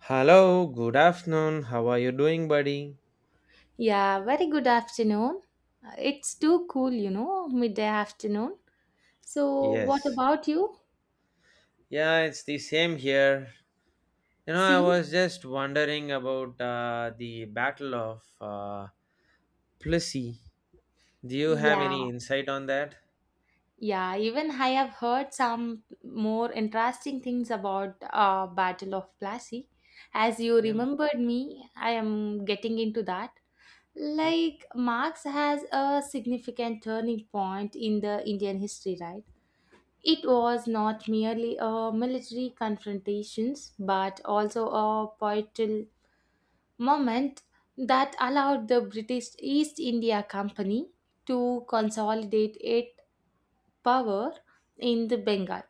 Hello, good afternoon. How are you doing, buddy? Yeah, very good afternoon. It's too cool, you know, midday afternoon. So, what Yes. about you? Yeah, it's the same here. You know, I See? was just wondering about the Battle of Plessy. Do you have Yeah, any insight on that? yeah. Even I have heard some more interesting things about Battle of Plassey. As you Yeah. remembered me, I am getting into that. Hmm. Like Marx has a significant turning point in the Indian history, right? It was not merely a military confrontations, but also a poetical moment that allowed the British East India Company to consolidate its power in the Bengal.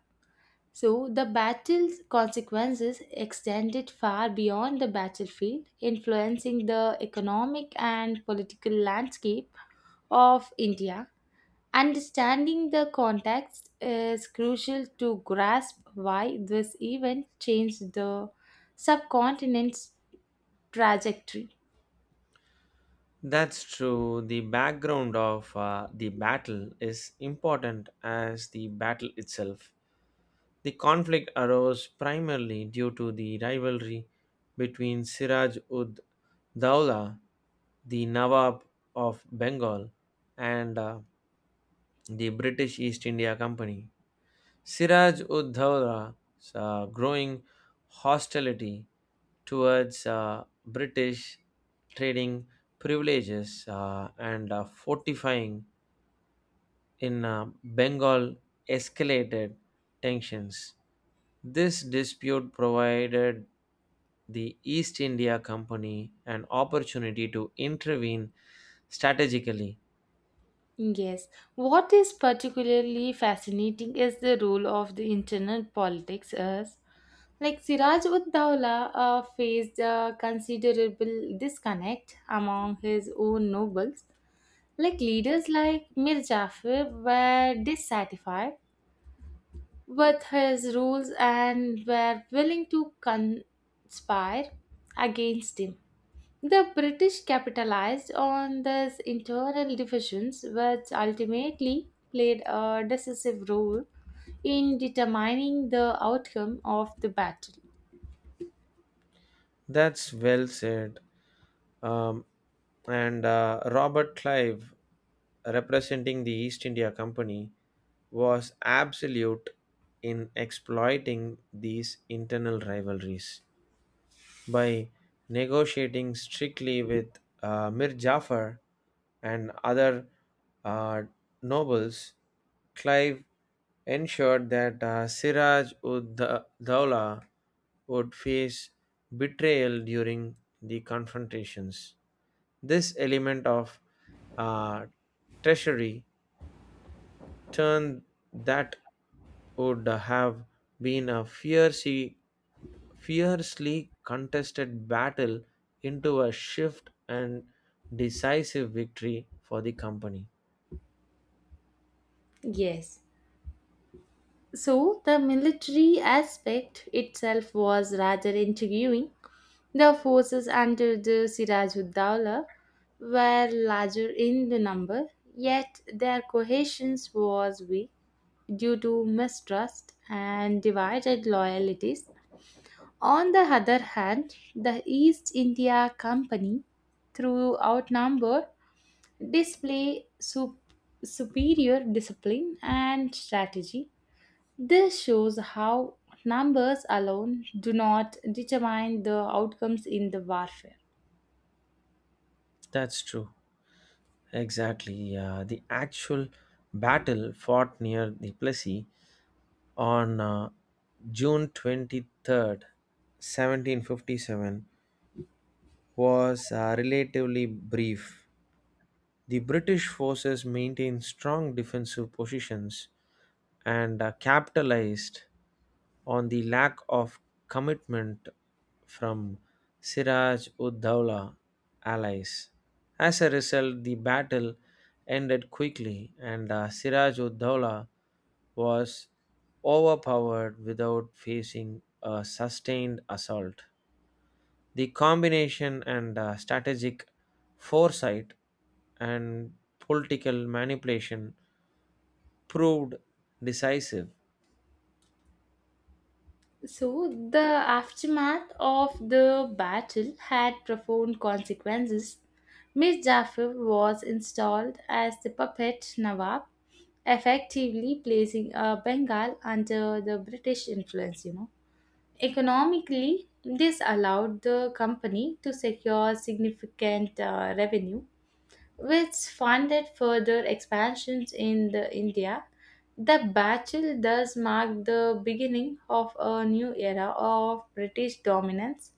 So the battle's consequences extended far beyond the battlefield, influencing the economic and political landscape of India. Understanding the context is crucial to grasp why this event changed the subcontinent's trajectory. That's true. The background of the battle is important as the battle itself. The conflict arose primarily due to the rivalry between Siraj ud Dawla, the Nawab of Bengal, and the British East India Company. Siraj ud Dowla's growing hostility towards British trading privileges and fortifying in Bengal escalated tensions. This dispute provided the East India Company an opportunity to intervene strategically. Yes. What is particularly fascinating is the role of the internal politics as like Siraj ud Dawla faced a considerable disconnect among his own nobles. Like leaders like Mir Jafar were dissatisfied with his rules and were willing to conspire against him. The British capitalized on these internal divisions, which ultimately played a decisive role in determining the outcome of the battle. That's well said. Um, and Robert Clive representing the East India Company, was absolute in exploiting these internal rivalries. By negotiating strictly with Mir Jafar and other uh, nobles, Clive ensured that Siraj ud Dowla would face betrayal during the confrontations. This element of uh, treachery turn that would have been a fiercely contested battle into a shift and decisive victory for the company. Yes. So the military aspect itself was rather intriguing. The forces under the Sirajuddaula were larger in the number, yet their cohesion was weak due to mistrust and divided loyalties. On the other hand, the East India Company, through outnumber, display su- superior discipline and strategy. This shows how numbers alone do not determine the outcomes in the warfare. That's true. Exactly. Yeah. The actual battle fought near the Plessis on June 23rd, 1757, was relatively brief. The British forces maintained strong defensive positions and capitalized on the lack of commitment from Siraj ud Dowla allies. As a result, the battle ended quickly and Siraj ud Daula was overpowered without facing a sustained assault. The combination and strategic foresight and political manipulation proved decisive. So, the aftermath of the battle had profound consequences. Mir Jafar was installed as the puppet Nawab, effectively placing Bengal under the British influence, you know. Economically, this allowed the company to secure significant revenue which funded further expansions in the India. The battle thus marked the beginning of a new era of British dominance,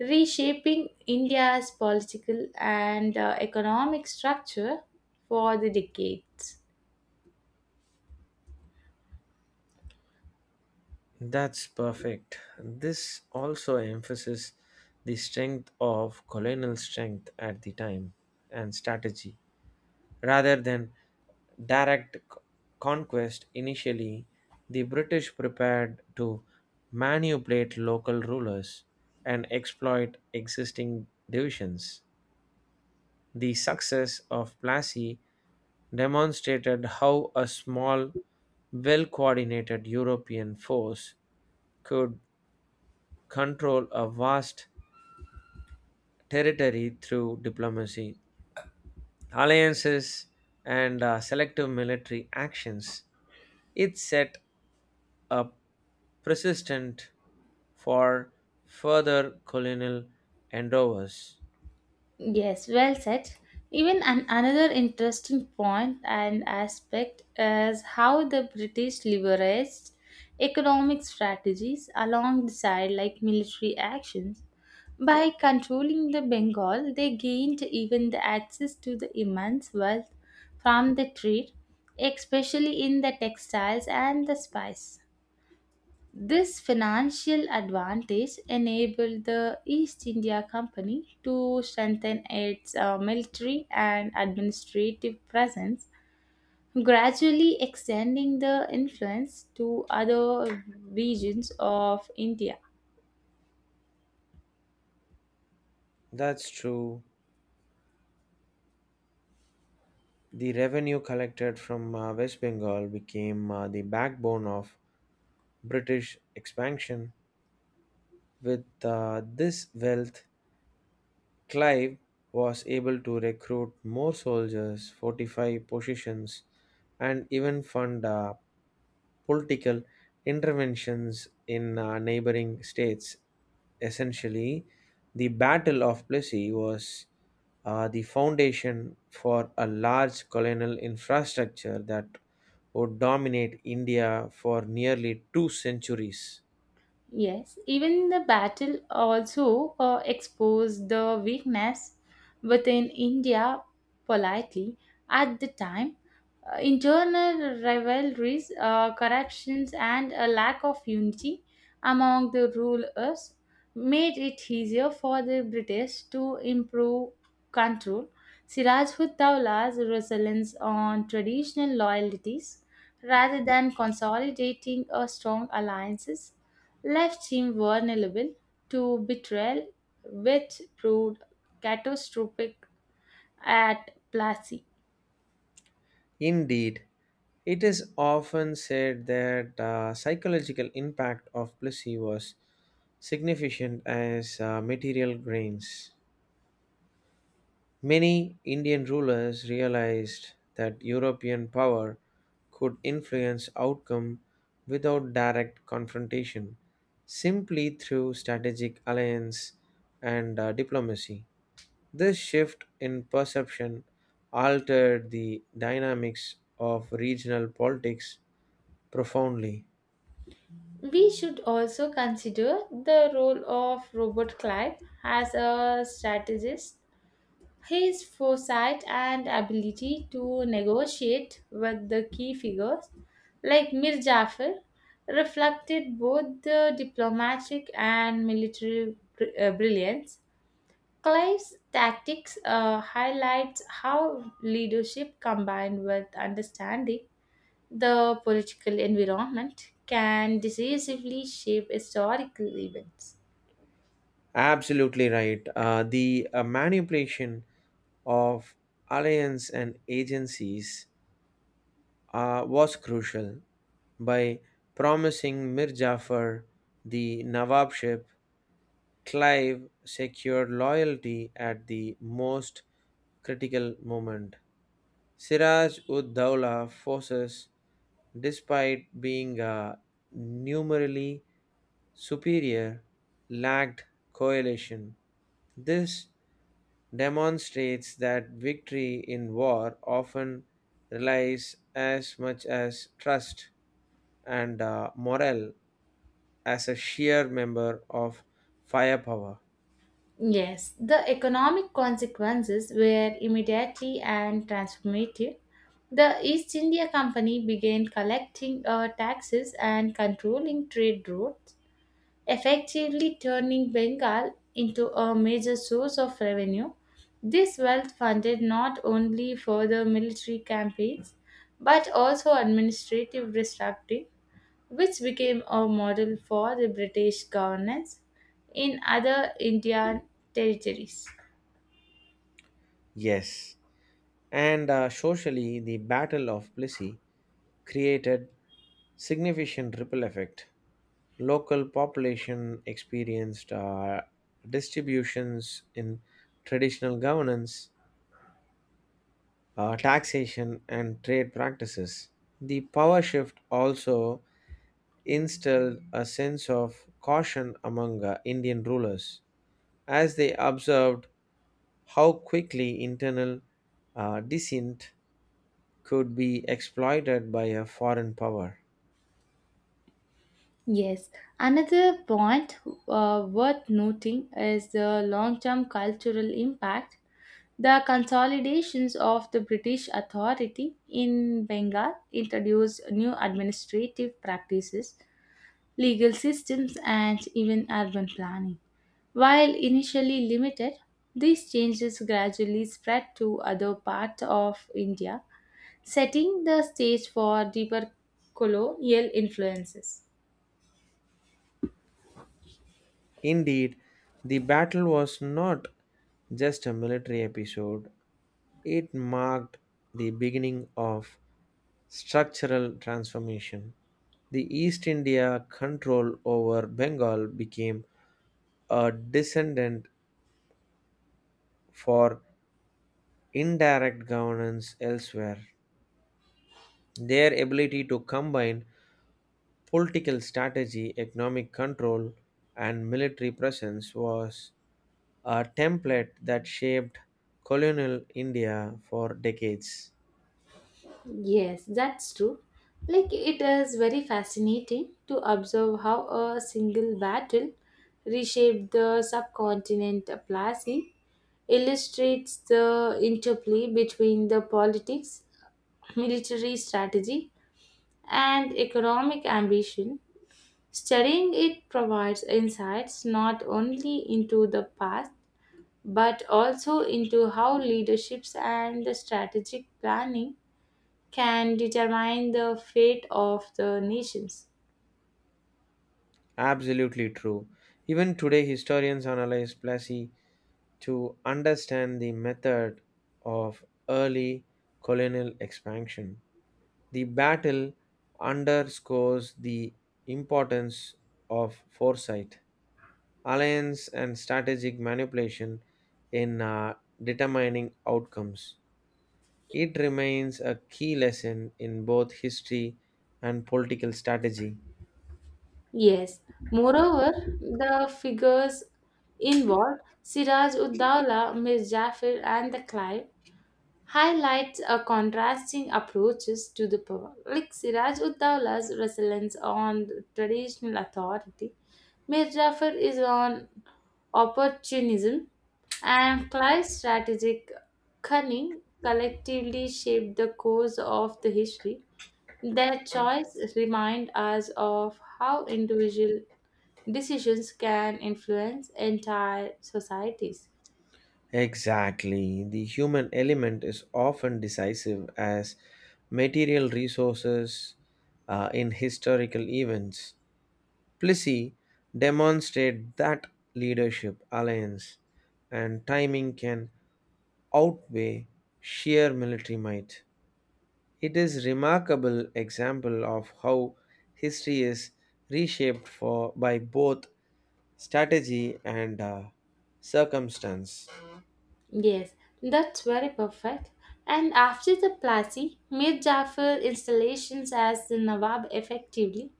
reshaping India's political and economic structure for the decades. That's perfect. This also emphasizes the strength of colonial strength at the time and strategy rather than direct conquest. Initially the British prepared to manipulate local rulers and exploit existing divisions. The success of Plassey demonstrated how a small, well coordinated European force could control a vast territory through diplomacy, alliances, and selective military actions. It set a precedent for further colonial endeavors. Yes, well said. Even another interesting point and aspect is how the British leveraged economic strategies alongside like military actions. By controlling the Bengal, they gained even the access to the immense wealth from the trade, especially in the textiles and the spice. This financial advantage enabled the East India Company to strengthen its military and administrative presence, gradually extending the influence to other regions of India. That's true. The revenue collected from West Bengal became the backbone of British expansion. With this wealth, Clive was able to recruit more soldiers, fortify positions, and even fund political interventions in neighboring states. Essentially, the Battle of Plessy was the foundation for a large colonial infrastructure that would dominate India for nearly two centuries. Yes, even the battle also exposed the weakness within India politely. At the time, internal rivalries, corruptions, and a lack of unity among the rulers made it easier for the British to improve control. Sirajhud Dowla's resilience on traditional loyalties rather than consolidating a strong alliances left him vulnerable to betrayal, which proved catastrophic at Plassey. Indeed, it is often said that the psychological impact of placebos significant as material gains. Many Indian rulers realized that European power could influence outcome without direct confrontation, simply through strategic alliance and diplomacy. This shift in perception altered the dynamics of regional politics profoundly. We should also consider the role of Robert Clive as a strategist. His foresight and ability to negotiate with the key figures like Mir Jafar reflected both the diplomatic and military brilliance. Clive's tactics highlights how leadership combined with understanding the political environment can decisively shape historical events. Absolutely right. The manipulation of alliance and agencies was crucial. By promising Mir Jafar the Nawabship, Clive secured loyalty at the most critical moment. Siraj ud Dowla forces, despite being numerically superior, lacked coalition. This demonstrates that victory in war often relies as much as trust and morale as a sheer member of firepower. Yes, the economic consequences were immediately and transformative. The East India Company began collecting taxes and controlling trade routes effectively turning Bengal into a major source of revenue. This wealth funded not only further military campaigns but also administrative restructuring, which became a model for the British governance in other Indian territories. Yes. And socially, the Battle of Plessy created significant ripple effect. Local population experienced distributions in traditional governance, taxation, and trade practices. The power shift also instilled a sense of caution among Indian rulers as they observed how quickly internal dissent could be exploited by a foreign power. Yes, another point worth noting is the long term cultural impact. The consolidations of the British authority in Bengal introduced new administrative practices, legal systems, and even urban planning. While initially limited, these changes gradually spread to other parts of India, setting the stage for deeper colonial influences. Indeed, the battle was not just a military episode. It marked the beginning of structural transformation. The East India control over Bengal became a descendant for indirect governance elsewhere. Their ability to combine political strategy, economic control, and military presence was a template that shaped colonial India for decades. Yes, that's true. Like, it is very fascinating to observe how a single battle reshaped the subcontinent of Plassey, illustrates the interplay between the politics, military strategy, and economic ambition. Studying it provides insights not only into the past but also into how leaderships and the strategic planning can determine the fate of the nations. Absolutely true. Even today, historians analyze Plassey to understand the method of early colonial expansion. The battle underscores the importance of foresight, alliance, and strategic manipulation in determining outcomes. It remains a key lesson in both history and political strategy. Yes. Moreover, the figures involved, Siraj ud Dawla, Mir Jafar, and the Clive, highlights a contrasting approaches to the power. Like Siraj ud Dawla's resilience on traditional authority, Mir Jafar is on opportunism, and Clive's strategic cunning collectively shaped the course of the history. Their choice remind us of how individual decisions can influence entire societies. Exactly. The human element is often decisive as material resources in historical events. Plessy demonstrate that leadership, alliance, and timing can outweigh sheer military might. It is remarkable example of how history is reshaped for by both strategy and circumstance. Yes, that's very perfect. And after the Plassey, Mir Jafar installations as the Nawab effectively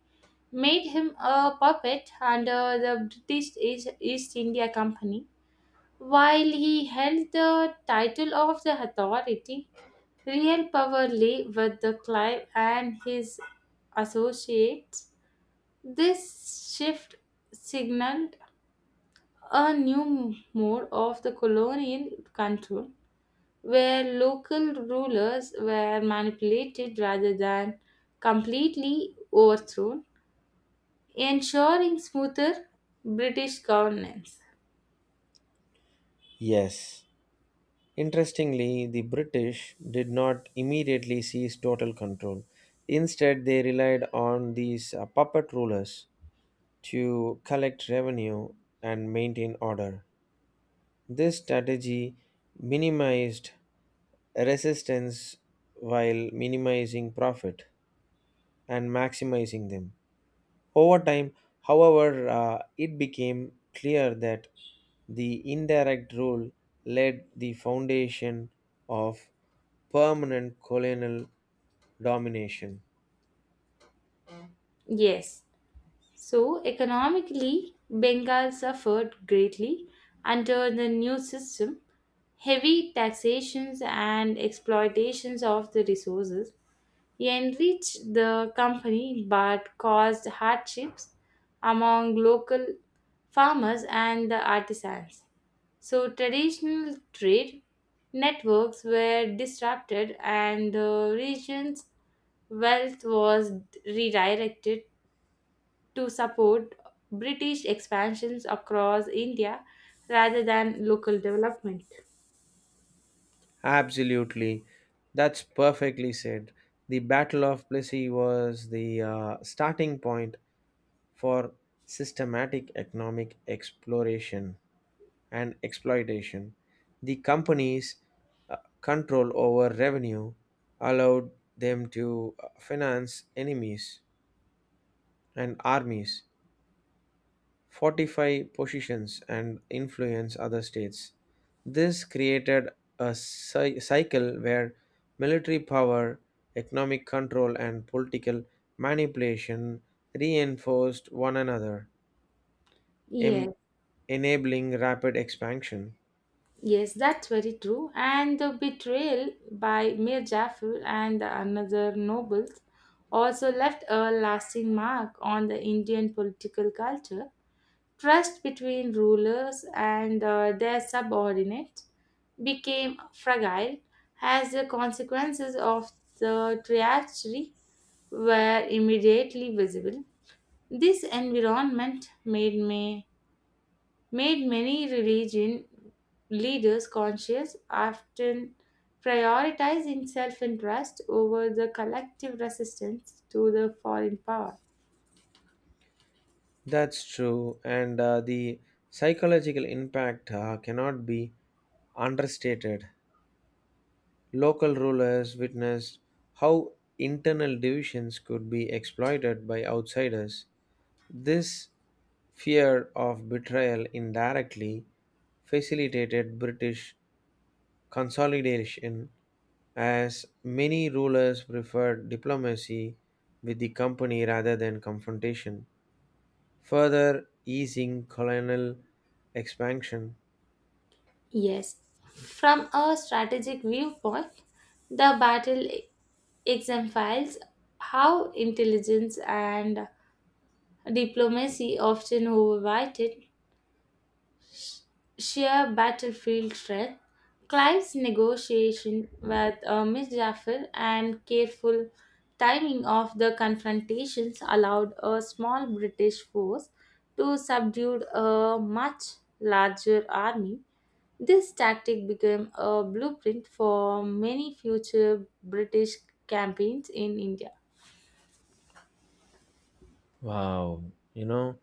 made him a puppet under the East India Company. While he held the title of the authority, real power lay with the Clive and his associates. This shift signaled a new mode of the colonial control where local rulers were manipulated rather than completely overthrown, ensuring smoother British governance. Yes. Interestingly, the British did not immediately seize total control. Instead, they relied on these puppet rulers to collect revenue and maintain order. This strategy minimized resistance while minimizing profit and maximizing them. Over time, however, it became clear that the indirect rule laid the foundation of permanent colonial domination. Yes, so economically, Bengal suffered greatly under the new system. Heavy taxations and exploitations of the resources He enriched the company but caused hardships among local farmers and the artisans. So, traditional trade networks were disrupted and the region's wealth was redirected to support British expansions across India rather than local development. Absolutely. That's perfectly said. The Battle of Plessy was the starting point for systematic economic exploration and exploitation. The companies' control over revenue allowed them to finance enemies and armies fortify positions and influence other states. This created a cycle where military power, economic control, and political manipulation reinforced one another, em- Yes. enabling rapid expansion. Yes, that's very true. And the betrayal by Mir Jafar and the another nobles also left a lasting mark on the Indian political culture. Trust between rulers and their subordinates became fragile as the consequences of the treachery were immediately visible. This environment made me made many religion leaders conscious, often prioritizing self interest over the collective resistance to the foreign power. That's true, and the psychological impact cannot be understated. Local rulers witnessed how internal divisions could be exploited by outsiders. This fear of betrayal indirectly facilitated British consolidation as many rulers preferred diplomacy with the company rather than confrontation, further easing colonial expansion. Yes, from a strategic viewpoint, the battle exemplifies how intelligence and diplomacy often overweighted sheer battlefield strength. Clive's negotiation with Miss Jaffer and careful timing of the confrontations allowed a small British force to subdue a much larger army. This tactic became a blueprint for many future British campaigns in India. Wow, you know,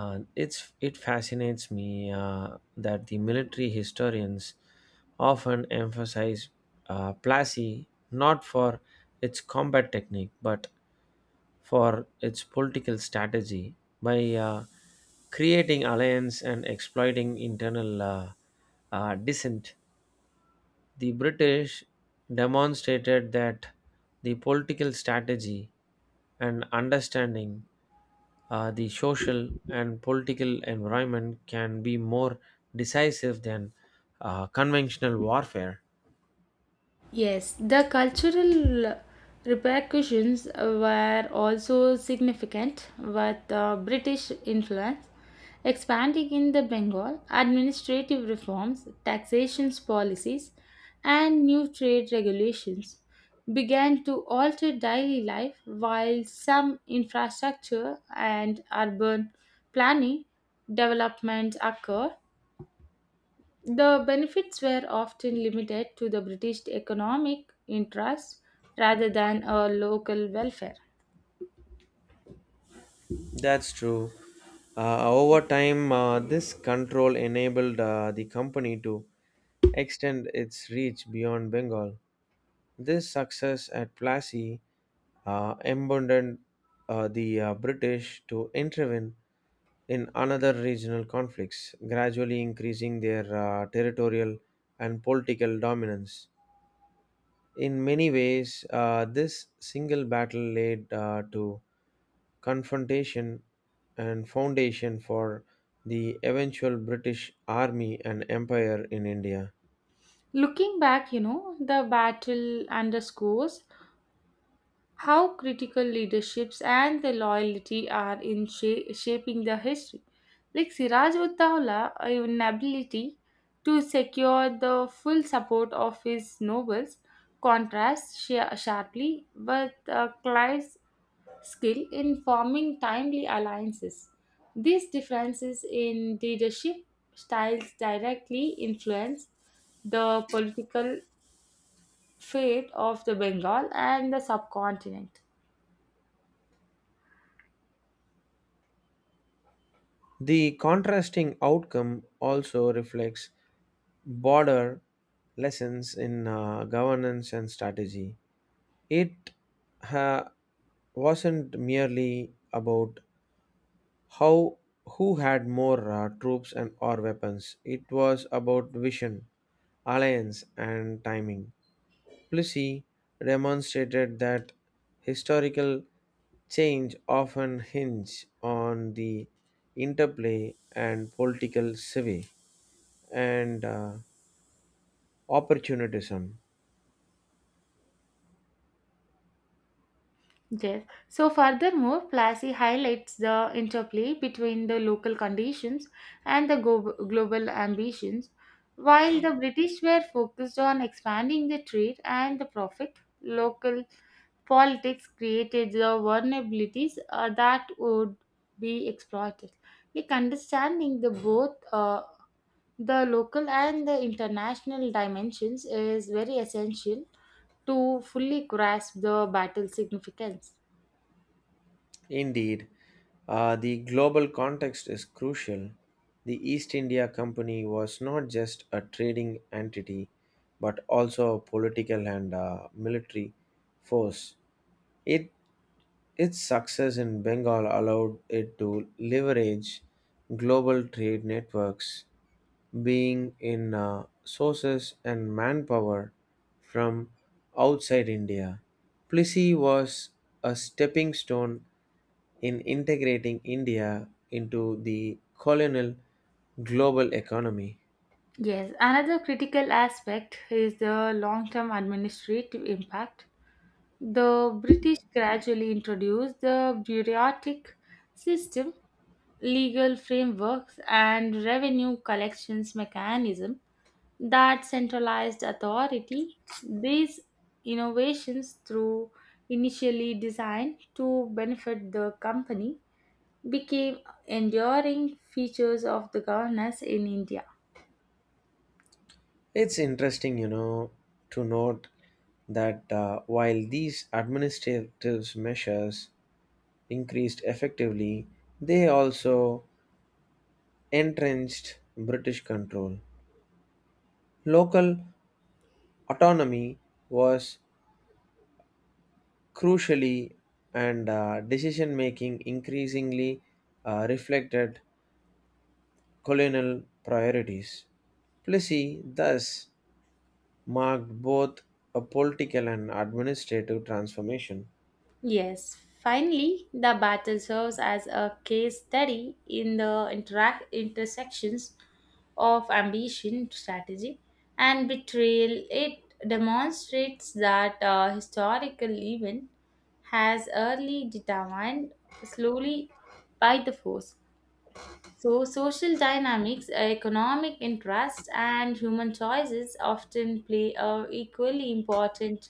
it fascinates me that the military historians often emphasize Plassey not for its combat technique but for its political strategy by creating alliance and exploiting internal dissent. The British demonstrated that the political strategy and understanding the social and political environment can be more decisive than conventional warfare. Yes, the cultural repercussions were also significant with British influence expanding in the Bengal, administrative reforms, taxation policies, and new trade regulations began to alter daily life while some infrastructure and urban planning developments occurred the benefits were often limited to the British economic interests rather than a local welfare. That's true. Over time, this control enabled the company to extend its reach beyond Bengal. This success at Plassey emboldened the British to intervene in another regional conflicts, gradually increasing their territorial and political dominance. In many ways, this single battle laid to confrontation and foundation for the eventual British army and empire in India. Looking back, you know, the battle underscores how critical leaderships and the loyalty are in shaping the history. Like Siraj ud Dowla's inability to secure the full support of his nobles contrasts sharply with Clive's skill in forming timely alliances. These differences in leadership styles directly influence the political fate of the Bengal and the subcontinent. The contrasting outcome also reflects broader lessons in governance and strategy. It ha- wasn't merely about how who had more troops and or weapons. It was about vision, alliance, and timing. Plessy demonstrated that historical change often hinge on the interplay and political civi and opportunism. Yes. So, furthermore, Plassey highlights the interplay between the local conditions and the global ambitions. While the British were focused on expanding the trade and the profit, local politics created the vulnerabilities that would be exploited. Like understanding the both the local and the international dimensions is very essential to fully grasp the battle significance. Indeed, the global context is crucial. The East India Company was not just a trading entity, but also a political and military force. It, its success in Bengal allowed it to leverage global trade networks, being in sources and manpower from outside India. Plissy was a stepping stone in integrating India into the colonial global economy. Yes, another critical aspect is the long term administrative impact. The British gradually introduced the bureaucratic system, legal frameworks, and revenue collections mechanism that centralized authority. These innovations, through initially designed to benefit the company, became enduring features of the governance in India. It's interesting, you know, to note that while these administrative measures increased effectively, they also entrenched British control. Local autonomy was crucially and decision making increasingly reflected colonial priorities. Plessy thus marked both a political and administrative transformation. Yes, finally, the battle serves as a case study in the interact intersections of ambition, strategy, and betrayal. It demonstrates that a historical event has early determined slowly by the force so, social dynamics, economic interests, and human choices often play a equally important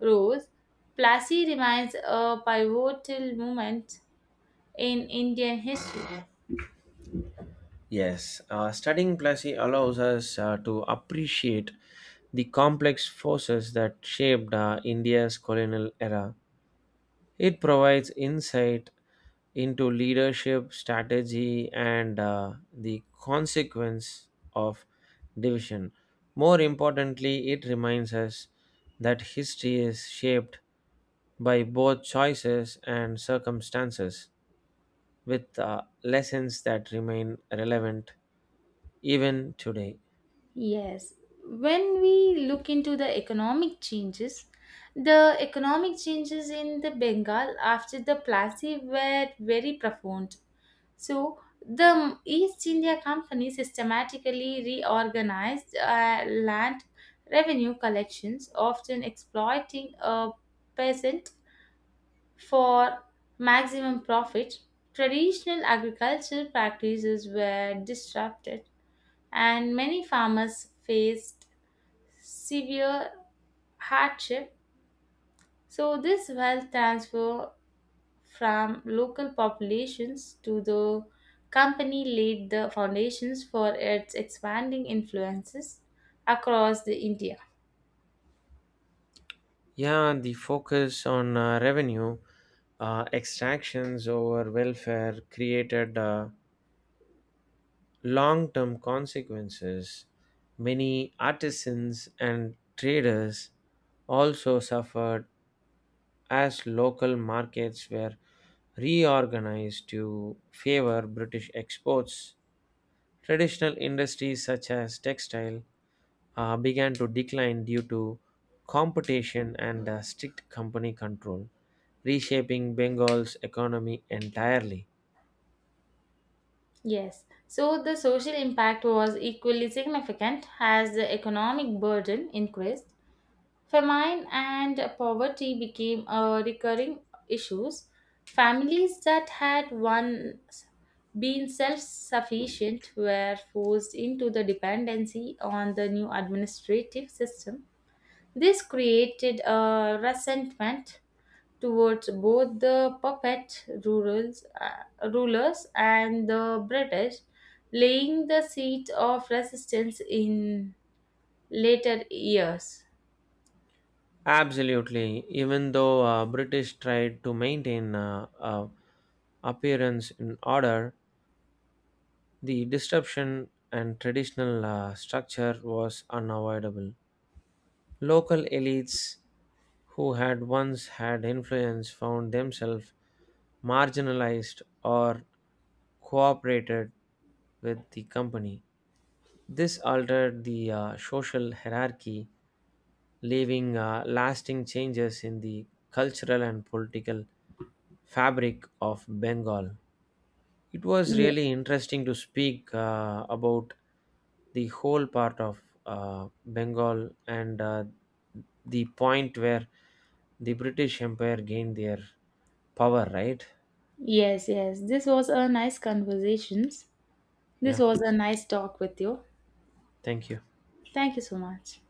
roles. Plassey remains a pivotal moment in Indian history. Yes, studying Plessy allows us to appreciate the complex forces that shaped India's colonial era. It provides insight into leadership, strategy, and the consequence of division. More importantly, it reminds us that history is shaped by both choices and circumstances, with lessons that remain relevant even today. Yes, when we look into the economic changes in the Bengal after the Plassey were very profound. So the East India Company systematically reorganized land revenue collections, often exploiting a peasant for maximum profit. Traditional agricultural practices were disrupted, and many farmers faced severe hardship. So, this wealth transfer from local populations to the company laid the foundations for its expanding influences across the India. Yeah, the focus on revenue extractions over welfare created long term consequences. Many artisans and traders also suffered as local markets were reorganized to favor British exports. Traditional industries such as textile began to decline due to competition and strict company control, reshaping Bengal's economy entirely. Yes. So the social impact was equally significant as the economic burden increased. Famine and poverty became a recurring issues. Families that had once been self-sufficient were forced into the dependency on the new administrative system. This created a resentment towards both the puppet rurals, rulers and the British, laying the seeds of resistance in later years. Absolutely, even though British tried to maintain appearance in order, the disruption and traditional structure was unavoidable. Local elites who had once had influence found themselves marginalized or cooperated with the company. This altered the social hierarchy, leaving lasting changes in the cultural and political fabric of Bengal. It was Ye- really interesting to speak about the whole part of Bengal and the point where the British Empire gained their power, right? Yes, yes. This was a nice conversations. This Yeah, was a nice talk with you. thank you. Thank you so much.